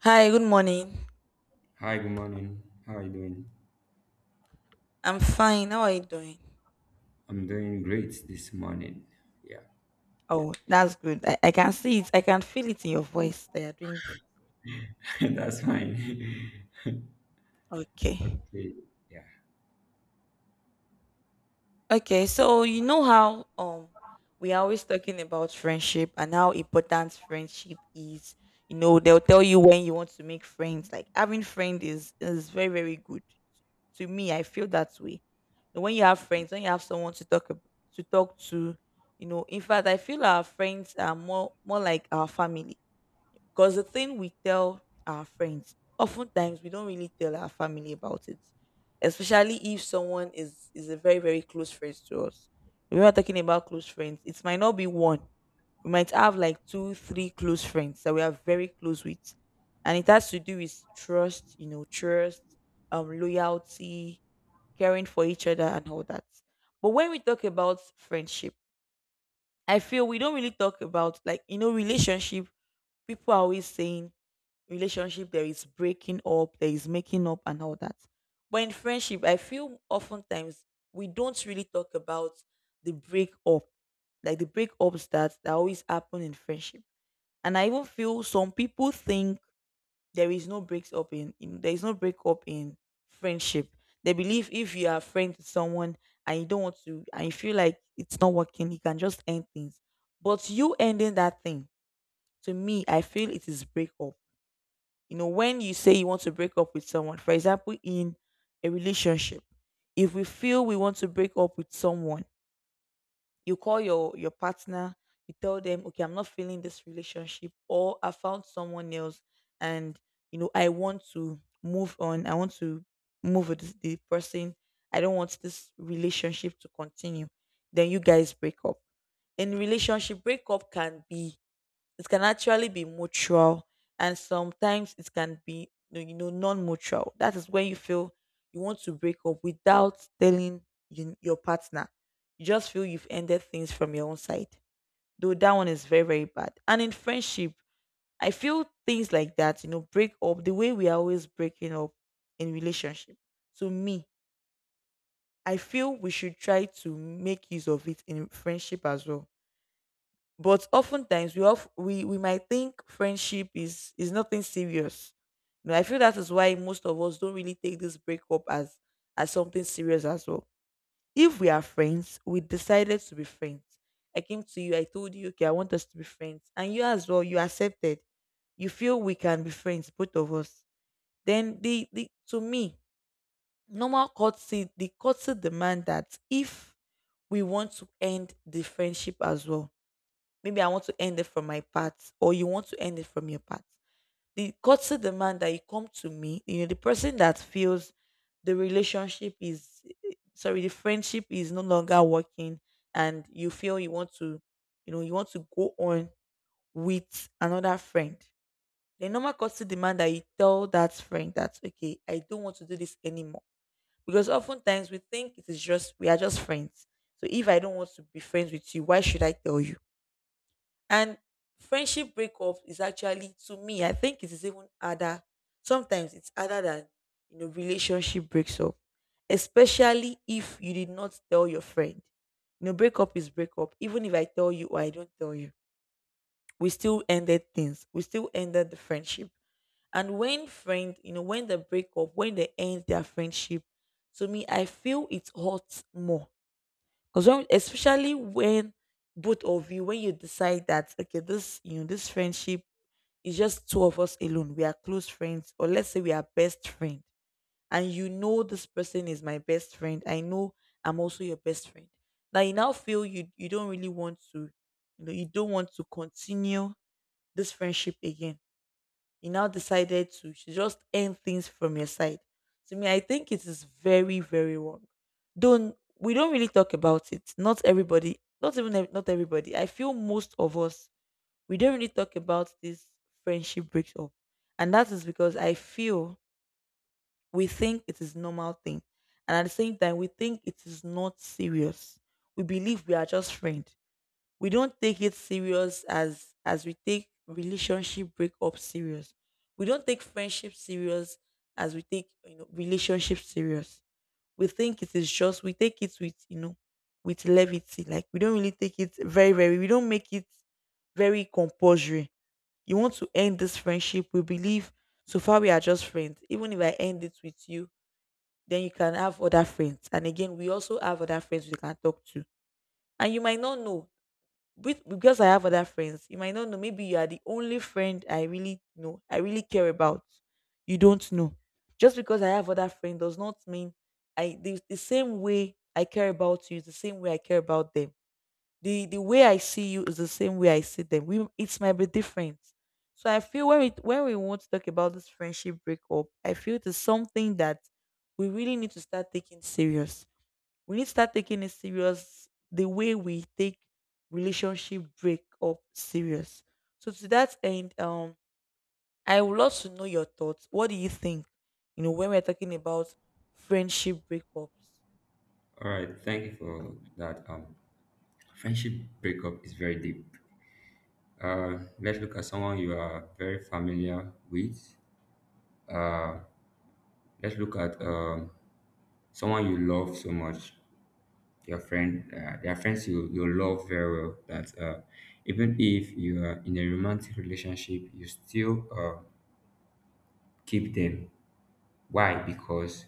Hi, good morning. Hi, good morning. How are you doing? I'm fine. How are you doing? I'm doing great this morning. Yeah, Oh, that's good. I can see it. I can feel it in your voice that you're doing great. that's fine. Okay. Okay, yeah. Okay, so you know how we are always talking about friendship and how important friendship is. You know, they'll tell you when you want to make friends. Like having friends is very, very good. To me, I feel that way. But when you have friends, when you have someone to to talk to, you know, in fact I feel our friends are more like our family, because the thing we tell our friends, oftentimes we don't really tell our family about it. Especially if someone is a very, very close friend to us. When we're talking about close friends, it might not be one. We might have like two, three close friends that we are very close with. And it has to do with trust, you know, trust, loyalty, caring for each other and all that. But when we talk about friendship, I feel we don't really talk about, like, you know, relationship. People are always saying relationship, there is breaking up, there is making up, and all that. But in friendship, I feel oftentimes we don't really talk about the breakup, like the breakups that always happen in friendship. And I even feel some people think there is no breaks up in there is no breakup in friendship. They believe if you are friends with someone, and you don't want to, and you feel like it's not working, you can just end things. But you ending that thing, to me, I feel it is breakup. You know, when you say you want to break up with someone, for example, in a relationship, if we feel we want to break up with someone, you call your partner, you tell them, okay, I'm not feeling this relationship, or I found someone else, and you know, I want to move on. I want to move with the person. I don't want this relationship to continue. Then you guys break up. In relationship, breakup can be, it can actually be mutual, and sometimes it can be you know, non-mutual. That is when you feel you want to break up without telling your partner. You just feel you've ended things from your own side. Though that one is very, very bad. And in friendship, I feel things like that. You know, break up the way we are always breaking up in relationship. To me, I feel we should try to make use of it in friendship as well. But oftentimes we of we might think friendship is nothing serious. You know, I feel that is why most of us don't really take this breakup as something serious as well. If we are friends, we decided to be friends. I came to you, I told you, okay, I want us to be friends, and you as well, you accepted. You feel we can be friends, both of us. Then the to me, normal courtesy, the courtesy demand that if we want to end the friendship as well. Maybe I want to end it from my part, or you want to end it from your part. The courtesy demand that you come to me, you know, the person that feels the relationship is, eh, sorry, the friendship is no longer working, and you feel you want to, you know, you want to go on with another friend. The normal courtesy demand that you tell that friend that, okay, I don't want to do this anymore. Because oftentimes we think it is just, we are just friends. So if I don't want to be friends with you, why should I tell you? And friendship breakup is actually, to me, I think it is even harder. Sometimes it's harder than, you know, relationship breaks up, especially if you did not tell your friend. You know, breakup is breakup. Even if I tell you or I don't tell you, we still ended things. We still ended the friendship. And when friend, you know, when they break up, when they end their friendship, to me, I feel it hurts more because when, especially when both of you, when you decide that, okay, this you know this friendship is just two of us alone. We are close friends, or let's say we are best friend, and you know this person is my best friend. I know I'm also your best friend. Now you now feel you don't really want to, you know, you don't want to continue this friendship again. You now decided to just end things from your side. To me, I think it is very, very wrong. Don't we don't really talk about it. Not everybody, not even ev- not everybody. I feel most of us, we don't really talk about this friendship breaks up, and that is because I feel we think it is normal thing, and at the same time we think it is not serious. We believe we are just friends, we don't take it serious as we take relationship breakup serious. We don't take friendship serious as we take, you know, relationship serious. We think it is just, we take it with, you know, with levity. Like we don't really take it very, very. We don't make it very compulsory. You want to end this friendship? We believe so far we are just friends. Even if I end it with you, then you can have other friends. And again, we also have other friends we can talk to. And you might not know with, because I have other friends, you might not know. Maybe you are the only friend I really know, I really care about. You don't know. Just because I have other friends does not mean the same way I care about you is the same way I care about them. The way I see you is the same way I see them. We it might be different. So I feel when we, when we want to talk about this friendship breakup, I feel it is something that we really need to start taking serious. We need to start taking it serious the way we take relationship break up serious. So to that end, I would love to know your thoughts. What do you think? You know, when we're talking about friendship breakups. All right, thank you for that. Friendship breakup is very deep. Let's look at someone you are very familiar with. Let's look at someone you love so much, your friend. There are friends you love very well that even if you are in a romantic relationship, you still keep them. Why? Because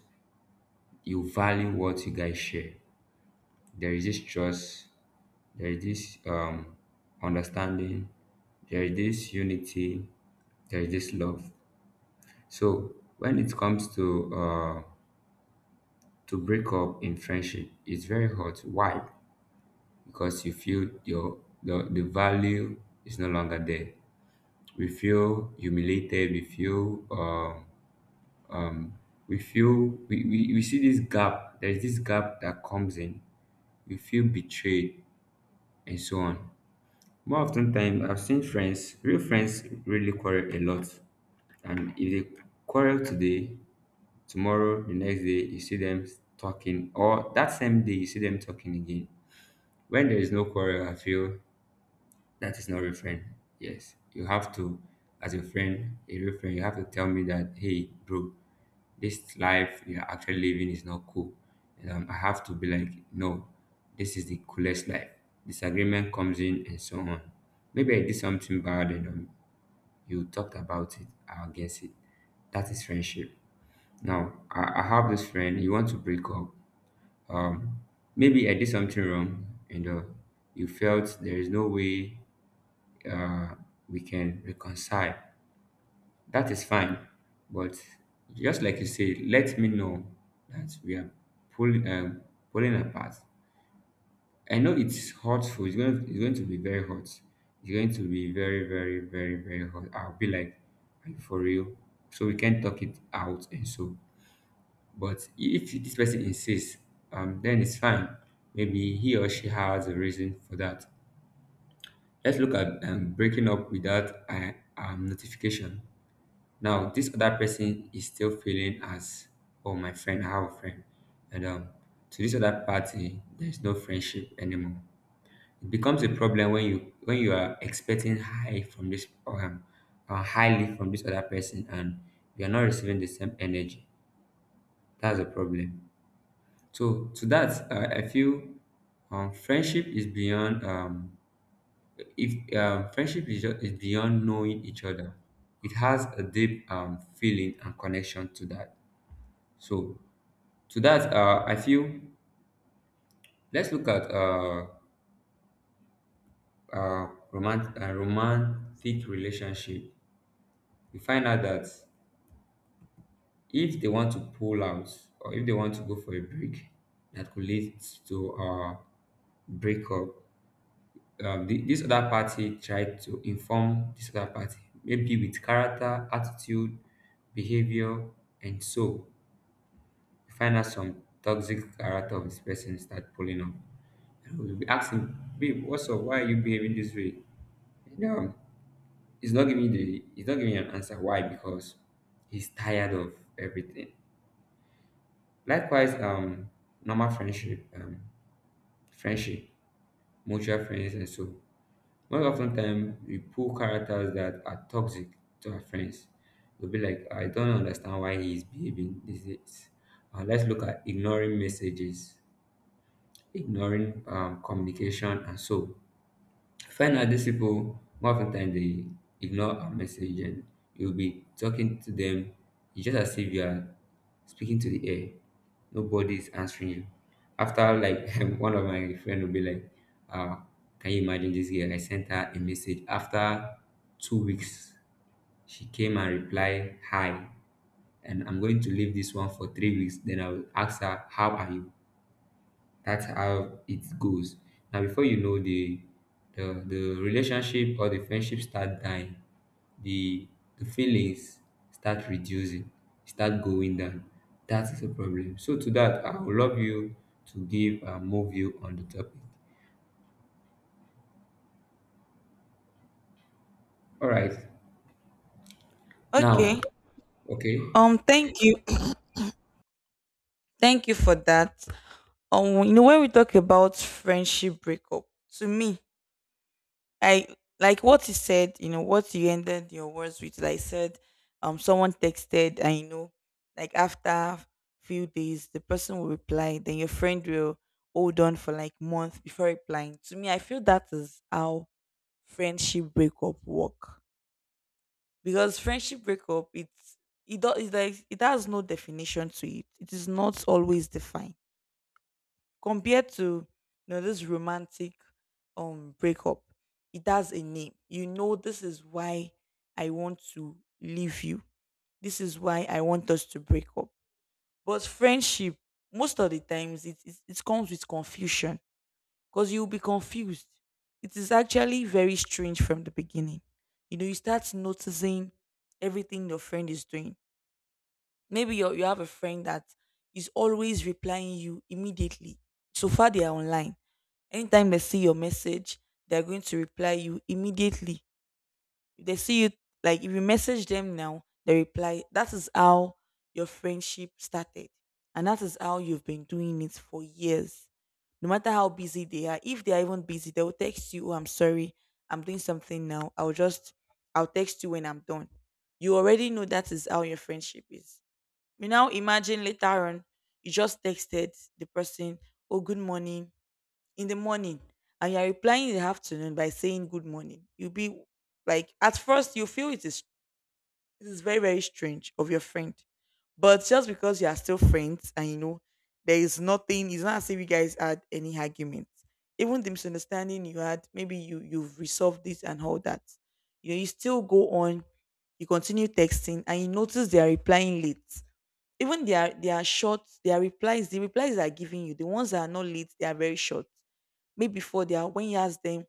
you value what you guys share. There is this trust, there is this understanding, there is this unity, there is this love. So when it comes to to break up in friendship, it's very hard. Why? Because you feel the value is no longer there. We feel humiliated. We feel we feel we see this gap. There is this gap that comes in. We feel betrayed and so on. More often time, I've seen friends, real friends really quarrel a lot. And if they quarrel today, tomorrow, the next day, you see them talking, or that same day, you see them talking again. When there is no quarrel, I feel that is not a friend. Yes, you have to, as a friend, a real friend, you have to tell me that, hey, bro, this life you're actually living is not cool. And I have to be like, no, this is the coolest life. Disagreement comes in and so on. Maybe I did something bad and you talked about it I'll against it. That is friendship. Now, I have this friend, you want to break up. Um, Maybe I did something wrong and you felt there is no way uh, we can reconcile. That is fine, but just like you say, let me know that we are pulling pulling apart. I know it's hurtful. It's going to be very hot. It's going to be very, very, very, very hot. I'll be like, are you for real? So we can talk it out and so. But if this person insists, then it's fine. Maybe he or she has a reason for that. Let's look at breaking up without a notification. Now this other person is still feeling as, oh, my friend, I have a friend. And to this other party, there's no friendship anymore. It becomes a problem when you are expecting highly from this other person, and you are not receiving the same energy. That's a problem. So to that, I feel friendship is beyond if friendship is beyond knowing each other. It has a deep feeling and connection to that. So to that, I feel let's look at uh, romantic relationship. You find out that if they want to pull out or if they want to go for a break, that could lead to breakup. This other party tried to inform this other party, maybe with character, attitude, behavior, and so you find out some toxic character of this person start pulling up. I would be asking, babe, what's up? Why are you behaving this way? No, he's not giving an answer. Why? Because he's tired of everything. Likewise, normal friendship, friendship, mutual friends, and so most often time we pull characters that are toxic to our friends. We'll be like, I don't understand why he's behaving this. Let's look at ignoring messages, ignoring communication, and so. Finally, these people more often than they ignore our message, and you'll be talking to them. It's just as if you are speaking to the air. Nobody is answering you. After like one of my friend will be like, uh, can you imagine this girl? I sent her a message after 2 weeks. She came and replied hi, and I'm going to leave this one for 3 weeks. Then I will ask her, how are you? That's how it goes. Now, before you know the relationship or the friendship start dying, the the feelings start reducing, start going down. That is a problem. So to that, I would love you to give more view on the topic. All right. Okay. Now, okay. Thank you. Thank you for that. You know, when we talk about friendship breakup, to me, I like what you said, you know, what you ended your words with. Like said, someone texted, and you know, like after few days, the person will reply. Then your friend will hold on for like month before replying. To me, I feel that is how friendship breakup work, because friendship breakup, it's like it has no definition to it. It is not always defined compared to, you know, this romantic breakup. It has a name. You know, this is why I want to leave you, this is why I want us to break up. But friendship, most of the times, it comes with confusion, because you'll be confused. It is actually very strange from the beginning. You know, you start noticing everything your friend is doing. Maybe you have a friend that is always replying you immediately, so far they are online. Anytime they see your message, they're going to reply you immediately. If they see you, like if you message them now, they reply. That is how your friendship started. And that is how you've been doing it for years. No matter how busy they are, if they are even busy, they will text you, "Oh, I'm sorry, I'm doing something now. I'll text you when I'm done." You already know that is how your friendship is. You now imagine later on, you just texted the person, "Oh, good morning," in the morning, and you're replying in the afternoon by saying good morning, you'll be like, at first, you feel it is very, very strange of your friend. But just because you are still friends, and you know, there is nothing, it's not as if you guys had any argument. Even the misunderstanding you had, maybe you've resolved this and all that. You still go on, you continue texting and you notice they are replying late. Even the replies they are giving you, the ones that are not late, they are very short. Maybe before they are when you ask them,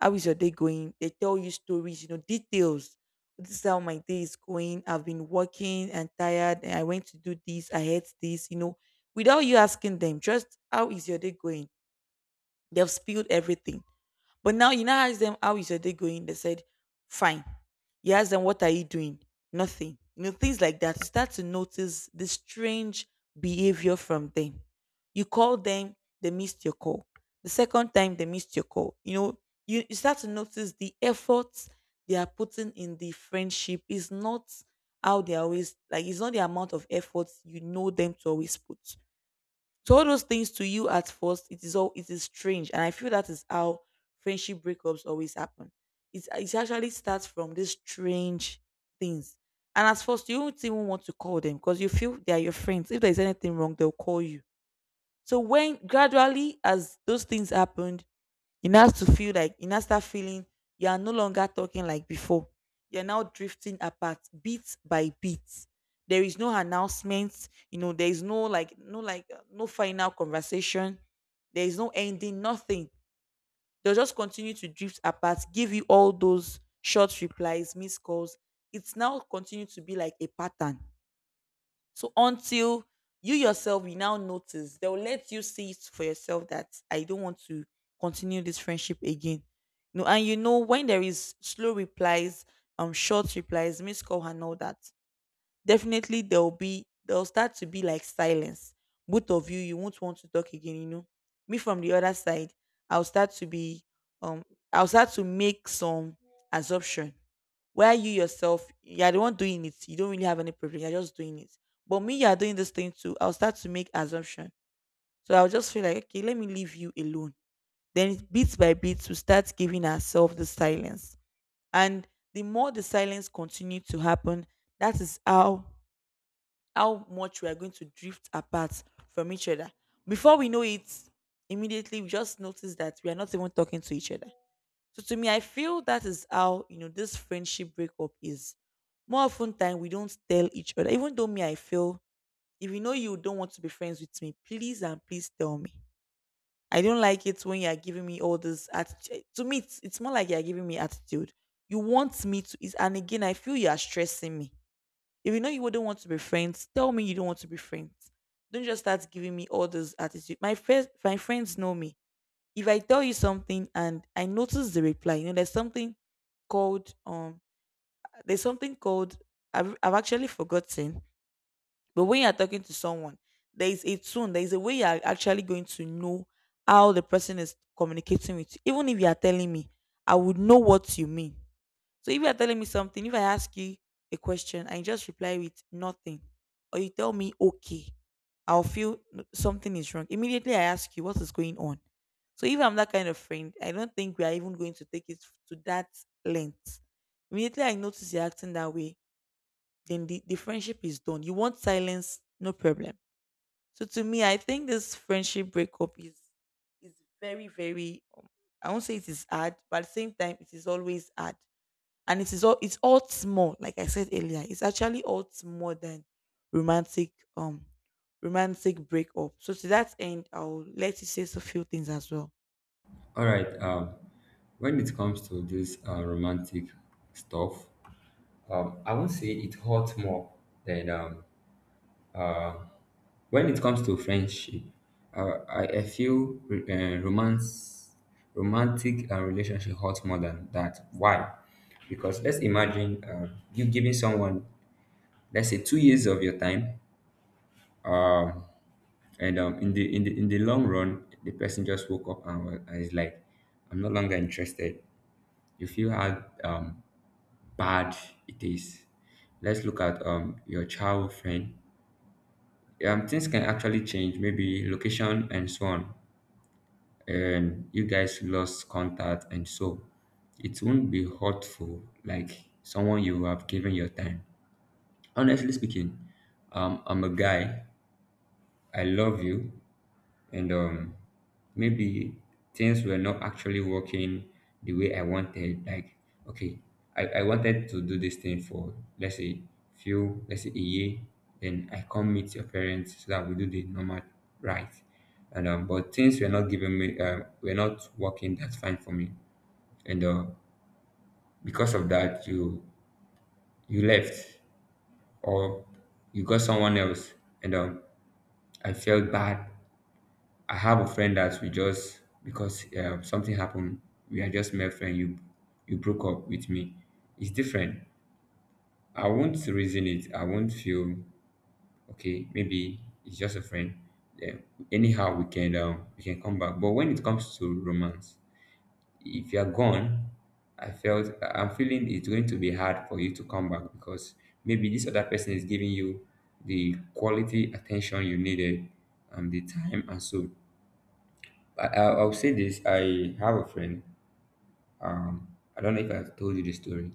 how is your day going? They tell you stories, you know, details. This is how my day is going. I've been working and tired, and I went to do this. I hate this, without you asking them, just how is your day going? They've spilled everything. But now you now ask them how is your day going? They said, fine. You ask them what are you doing? Nothing. Things like that. You start to notice the strange behavior from them. You call them, they missed your call. The second time they missed your call. You start to notice the efforts they are putting in the friendship is not how they always like, it's not the amount of effort you know them to always put. So all those things to you at first, it is strange, and I feel that is how friendship breakups always happen. It actually starts from these strange things, and at first you don't even want to call them because you feel they are your friends. If there is anything wrong, they'll call you. So when gradually as those things happened, it has to feel like it now start feeling you are no longer talking like before. You're now drifting apart bit by bit. There is no announcement, you know, there is no like no like no final conversation, there is no ending, nothing. They'll just continue to drift apart, give you all those short replies, missed calls. It's now continued to be like a pattern, so until you yourself will now notice, they'll let you see it for yourself that I don't want to continue this friendship again. No, and you know when there is slow replies, short replies, miss call and all that, definitely there'll start to be like silence. Both of you, you won't want to talk again. Me from the other side, I'll start to be um I'll start to make some assumption where you yourself, you're the one doing it. You don't really have any privilege. You're just doing it. But me, you're doing this thing too. I'll start to make assumption. So I'll just feel like, okay, let me leave you alone. Then bit by bit, we start giving ourselves the silence. And the more the silence continue to happen, that is how much we are going to drift apart from each other. Before we know it, immediately we just notice that we are not even talking to each other. So to me, I feel that is how this friendship breakup is. More often time we don't tell each other. Even though me, I feel if you know you don't want to be friends with me, please and please tell me. I don't like it when you are giving me all this attitude. To me, it's more like you are giving me attitude. You want me to, is and again, I feel you are stressing me. If you know you wouldn't want to be friends, tell me you don't want to be friends. Don't just start giving me all this attitude. My friends know me, if I tell you something and I notice the reply, there's something called there's something called I've actually forgotten. But when you're talking to someone, there is a tone, there is a way you're actually going to know how the person is communicating with you. Even if you are telling me, I would know what you mean. So if you are telling me something, if I ask you a question and you just reply with nothing, or you tell me okay, I'll feel something is wrong. Immediately I ask you what is going on. So if I'm that kind of friend, I don't think we are even going to take it to that length. Immediately I notice you're acting that way, then the friendship is done. You want silence, no problem. So to me, I think this friendship breakup is very, very I won't say it is hard, but at the same time, it is always hard, and it's all small, like I said earlier, it's actually all more than romantic romantic breakup. So to that end, I'll let you say a few things as well. All right. When it comes to this romantic stuff, I won't say it hurts more than when it comes to friendship, I, I feel romantic relationship hurts more than that. Why? Because let's imagine you giving someone, let's say, 2 years of your time, um, and in the long run, the person just woke up and is like, "I'm no longer interested." You feel how bad it is. Let's look at your childhood friend. Things can actually change, maybe location and so on, and you guys lost contact, and so it won't be hurtful like someone you have given your time. Honestly speaking, I'm a guy. I love you, and maybe things were not actually working the way I wanted. Like, okay, I wanted to do this thing for, let's say let's say a year, then I come meet your parents so that we do the normal right. And but things were not working that fine for me. And because of that, you left or you got someone else, and I felt bad. I have a friend that we just because something happened, we are just mere friend. You broke up with me. It's different. I won't reason it. I won't feel okay. Maybe it's just a friend. Yeah. Anyhow, we can come back. But when it comes to romance, if you are gone, I felt I'm feeling it's going to be hard for you to come back, because maybe this other person is giving you the quality attention you needed and the time and so. I'll say this. I have a friend. Um, I don't know if I've told you the story.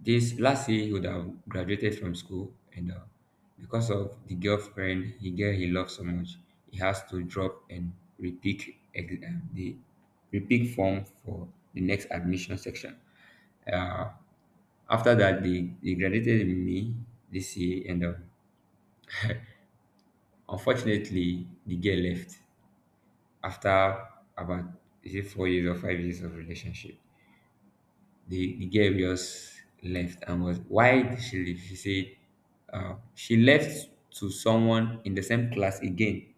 This last year, he would have graduated from school, and because of the girlfriend, he loves so much, he has to drop and repeat the repeat form for the next admission section. Uh, After that, they graduated with me this year, and unfortunately, the girl left after about, is it 4 years or 5 years of relationship? The girl just left, and was, why did she leave? She said, she left to someone in the same class again,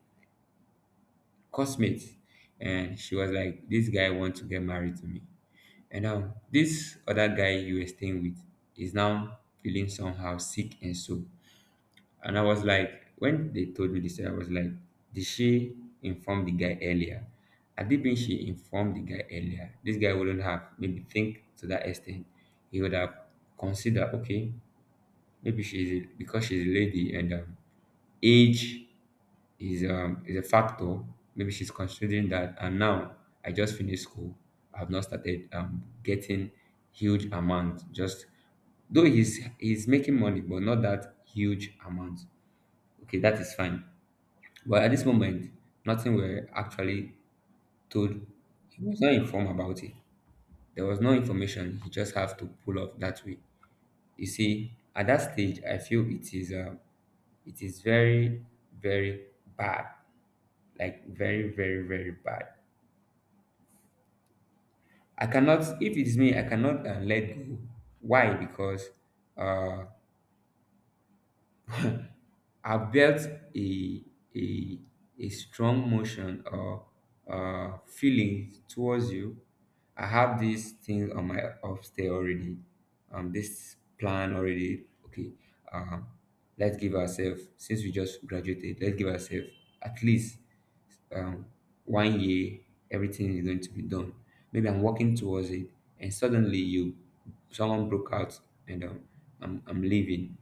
classmates. And she was like, this guy wants to get married to me. And now this other guy you were staying with is now feeling somehow sick and so. And I was like, when they told me this, I was like, did she inform the guy earlier? Had it been she informed the guy earlier, this guy wouldn't have maybe think to that extent. He would have considered, okay, because she's a lady, and age is a factor. Maybe she's considering that. And now I just finished school. I've not started getting huge amount. Just, though, he's making money, but not that huge amount. Okay, that is fine. But at this moment, nothing were actually told. He was not informed about it. There was no information. He just have to pull off that way. You see, at that stage, I feel it is very, very bad. Like very, very, very bad. I cannot. If it is me, I cannot let go. Why? Because uh, I built a a a strong motion or feeling towards you. I have these things on my upstairs already. This plan already. Okay. Um, let's give ourselves, since we just graduated. Let's give ourselves at least um, one year. Everything is going to be done. Maybe I'm working towards it, and suddenly you, someone broke out, and I'm leaving.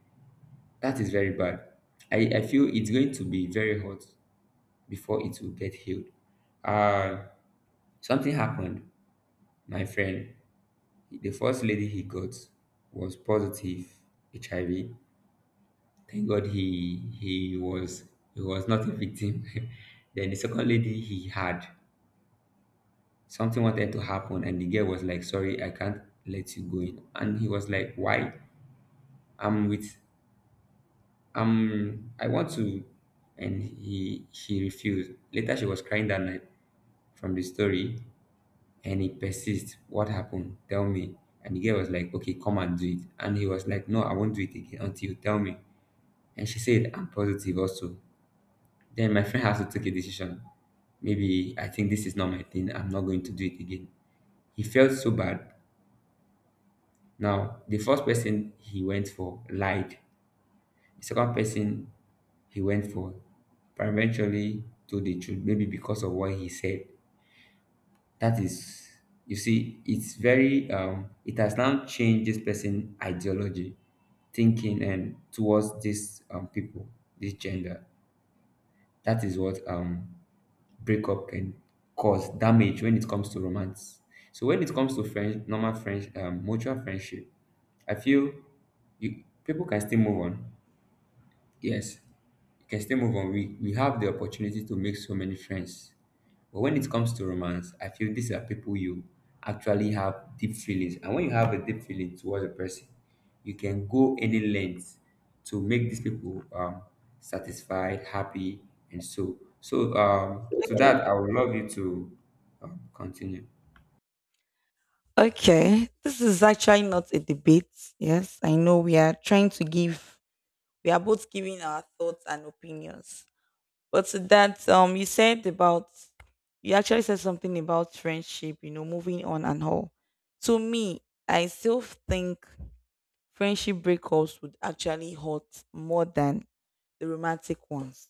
That is very bad. I feel it's going to be very hot before it will get healed. Uh, Something happened. My friend, the first lady he got was positive HIV. Thank God he was not a victim. Then the second lady he had, something wanted to happen, and the girl was like, sorry, I can't let you go in. And he was like, why? I'm with, I want to. And he she refused. Later she was crying that night from the story, and he persists. What happened? Tell me. And the girl was like, okay, come and do it. And he was like, no, I won't do it again until you tell me. And she said, I'm positive also. Then my friend has to take a decision. Maybe I think this is not my thing. I'm not going to do it again. He felt so bad. Now, the first person he went for lied. The second person he went for eventually told the truth, maybe because of what he said. That is, you see, it's very, it has now changed this person' ideology, thinking, and towards these people, this gender. That is what breakup can cause damage when it comes to romance. So when it comes to friends, normal friends, mutual friendship, I feel you people can still move on. Yes, you can still move on. We have the opportunity to make so many friends. But when it comes to romance, I feel these are people you actually have deep feelings. And when you have a deep feeling towards a person, you can go any length to make these people satisfied, happy, and so. So to that, I would love you to continue. Okay, this is actually not a debate. Yes, I know we are trying to give, we are both giving our thoughts and opinions. But to that you actually said something about friendship, moving on and all. To me, I still think friendship breakups would actually hurt more than the romantic ones.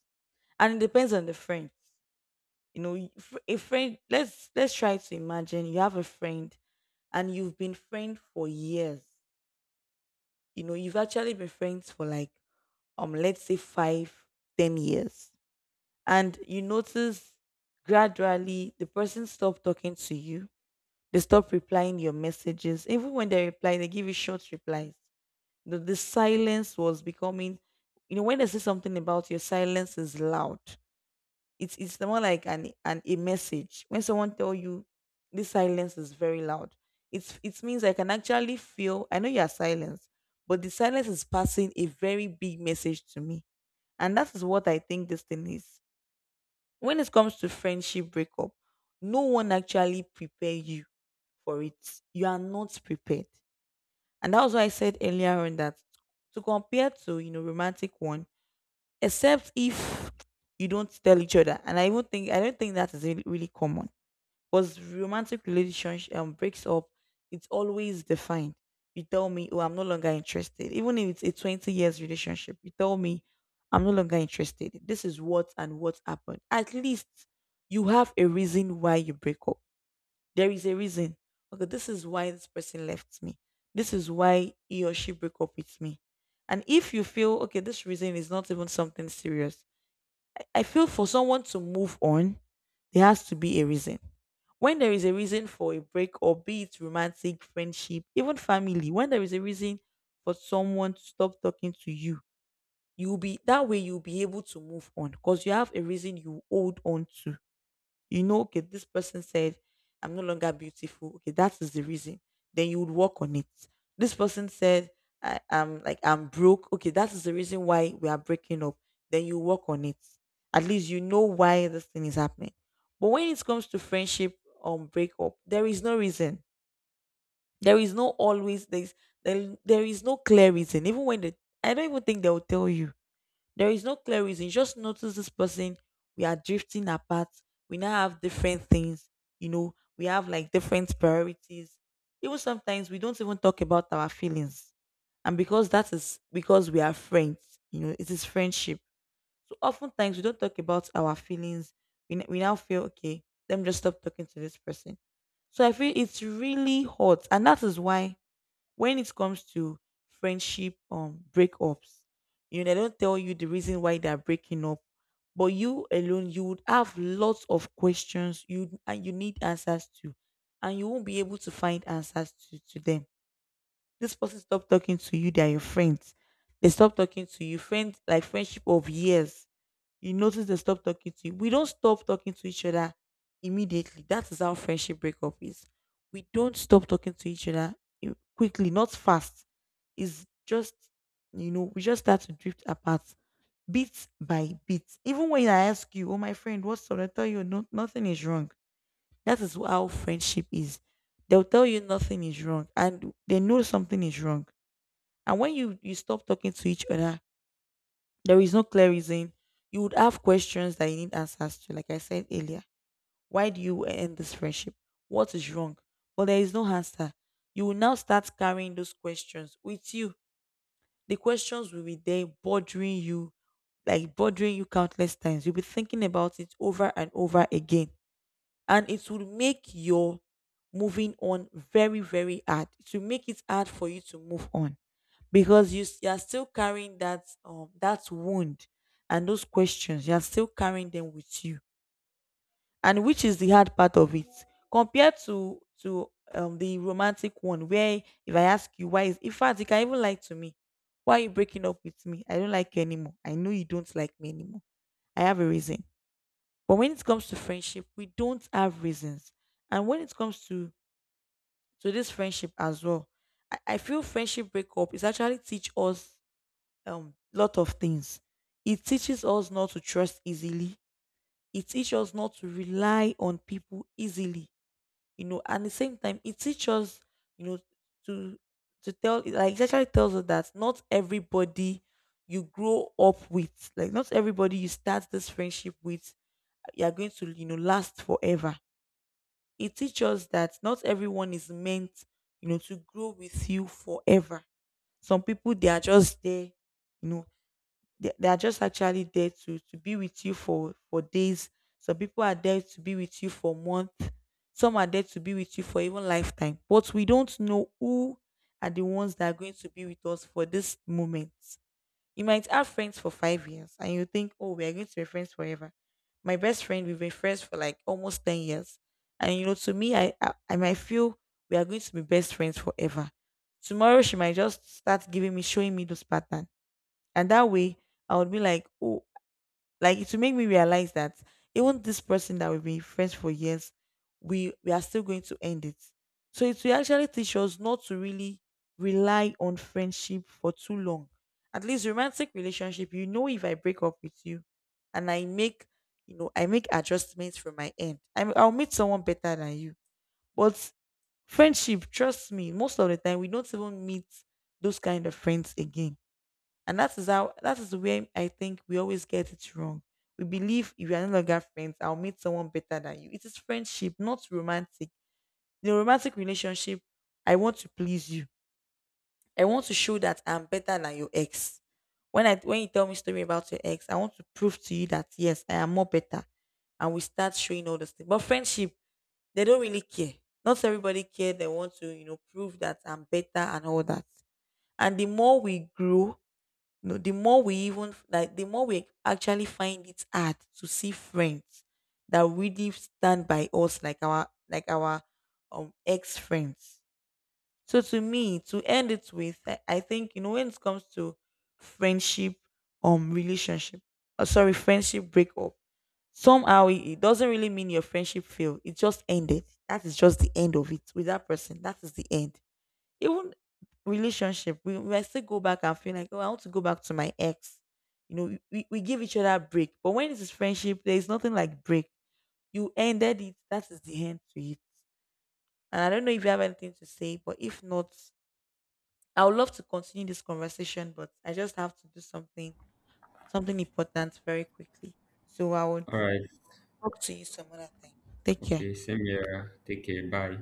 And it depends on the friend. A friend, let's try to imagine you have a friend, and you've been friends for years. You've actually been friends for like let's say five, 10 years, and you notice gradually the person stop talking to you, they stop replying your messages. Even when they reply, they give you short replies. The silence was becoming, you know when they say something about your silence is loud, it's more like an a message. When someone tell you this silence is very loud, it means I can actually feel I know you are silent, but the silence is passing a very big message to me, and that is what I think this thing is. When it comes to friendship breakup, no one actually prepare you for it. You are not prepared. And that was why I said earlier on that to compare to romantic one, except if you don't tell each other. And I don't think that is really, really common, because romantic relationship breaks up, it's always defined. You tell me, oh, I'm no longer interested. Even if it's a 20 years relationship, you tell me, I'm no longer interested. This is what and what happened. At least you have a reason why you break up. There is a reason. Okay, this is why this person left me. This is why he or she broke up with me. And if you feel, okay, this reason is not even something serious, I feel for someone to move on, there has to be a reason. When there is a reason for a break, or be it romantic, friendship, even family, when there is a reason for someone to stop talking to you, you'll be that way, you'll be able to move on because you have a reason you hold on to. Okay, this person said, I'm no longer beautiful. Okay, that is the reason. Then you would work on it. This person said, I'm broke. Okay, that is the reason why we are breaking up. Then you work on it. At least you know why this thing is happening. But when it comes to friendship on breakup, there is no reason. There is no always, there is no clear reason. Even when I don't even think they will tell you, there is no clear reason. Just notice this person. We are drifting apart. We now have different things. We have like different priorities. Even sometimes we don't even talk about our feelings. And because that is because we are friends, it is friendship. So oftentimes we don't talk about our feelings. We now feel, okay, let me just stop talking to this person. So I feel it's really hot. And that is why when it comes to friendship breakups, they don't tell you the reason why they're breaking up, but you alone you would have lots of questions, you need answers to, and you won't be able to find answers to them. This person stopped talking to you, they're your friends, they stop talking to you, friends like friendship of years, you notice they stop talking to you. We don't stop talking to each other immediately. That is how friendship breakup is. We don't stop talking to each other quickly, not fast. It's just, we just start to drift apart bit by bit. Even when I ask you, oh, my friend, what's up? I tell you, no, nothing is wrong. That is how friendship is. They'll tell you nothing is wrong and they know something is wrong. And when you stop talking to each other, there is no clear reason. You would have questions that you need answers to, like I said earlier. Why do you end this friendship? What is wrong? But there is no answer. You will now start carrying those questions with you. The questions will be there bothering you, like bothering you countless times. You'll be thinking about it over and over again, and it will make your moving on very very hard. It will make it hard for you to move on because you are still carrying that that wound, and those questions. You are still carrying them with you, and which is the hard part of it compared to the romantic one, where if I ask you why, is in fact you can even lie to me. Why are you breaking up with me? I don't like you anymore. I know you don't like me anymore. I have a reason. But when it comes to friendship, we don't have reasons. And when it comes to this friendship as well, I feel friendship breakup is actually teach us lot of things. It teaches us not to trust easily. It teaches us not to rely on people easily. You know, and at the same time, it teaches us, you know, to to tell, like it actually tells us that not everybody you grow up with, like not everybody you start this friendship with, you're going to, you know, last forever. It teaches us that not everyone is meant, you know, to grow with you forever. Some people, they are just there, you know, they are just actually there to be with you for days. Some people are there to be with you for months. Some are there to be with you for even lifetime. But we don't know who are the ones that are going to be with us for this moment. You might have friends for 5 years and you think, oh, we are going to be friends forever. My best friend, we've been friends for like almost 10 years. And you know, to me, I might feel we are going to be best friends forever. Tomorrow, she might just start giving me, showing me those pattern. And that way, I would be like, oh, like it will make me realize that even this person that we've been friends for years, we are still going to end it. So it will actually teach us not to really rely on friendship for too long. At least romantic relationship, you know, if I break up with you and I make, you know, I make adjustments from my end. I'll meet someone better than you. But friendship, trust me, most of the time we don't even meet those kind of friends again. And that is how, that is where I think we always get it wrong. We believe if you are no longer friends, I'll meet someone better than you. It is friendship, not romantic. In a romantic relationship, I want to please you. I want to show that I'm better than your ex. When you tell me story about your ex, I want to prove to you that yes, I am more better. And we start showing all those things. But friendship, they don't really care. Not everybody care. They want to, you know, prove that I'm better and all that. And the more we grow, no, the more we even like, the more we actually find it hard to see friends that really stand by us, like our ex friends. So to me, to end it with, I think, you know, when it comes to friendship, relationship, or sorry, friendship breakup. Somehow it doesn't really mean your friendship failed. It just ended. That is just the end of it with that person. That is the end. Even relationship, we might still go back and feel like, oh, I want to go back to my ex. You know, we give each other a break. But when it is friendship, there is nothing like break. You ended it. That is the end to it. And I don't know if you have anything to say, but if not, I would love to continue this conversation, but I just have to do something, something important very quickly. So I would All right. talk to you some other time. Take care. Okay. Same here. Take care. Bye.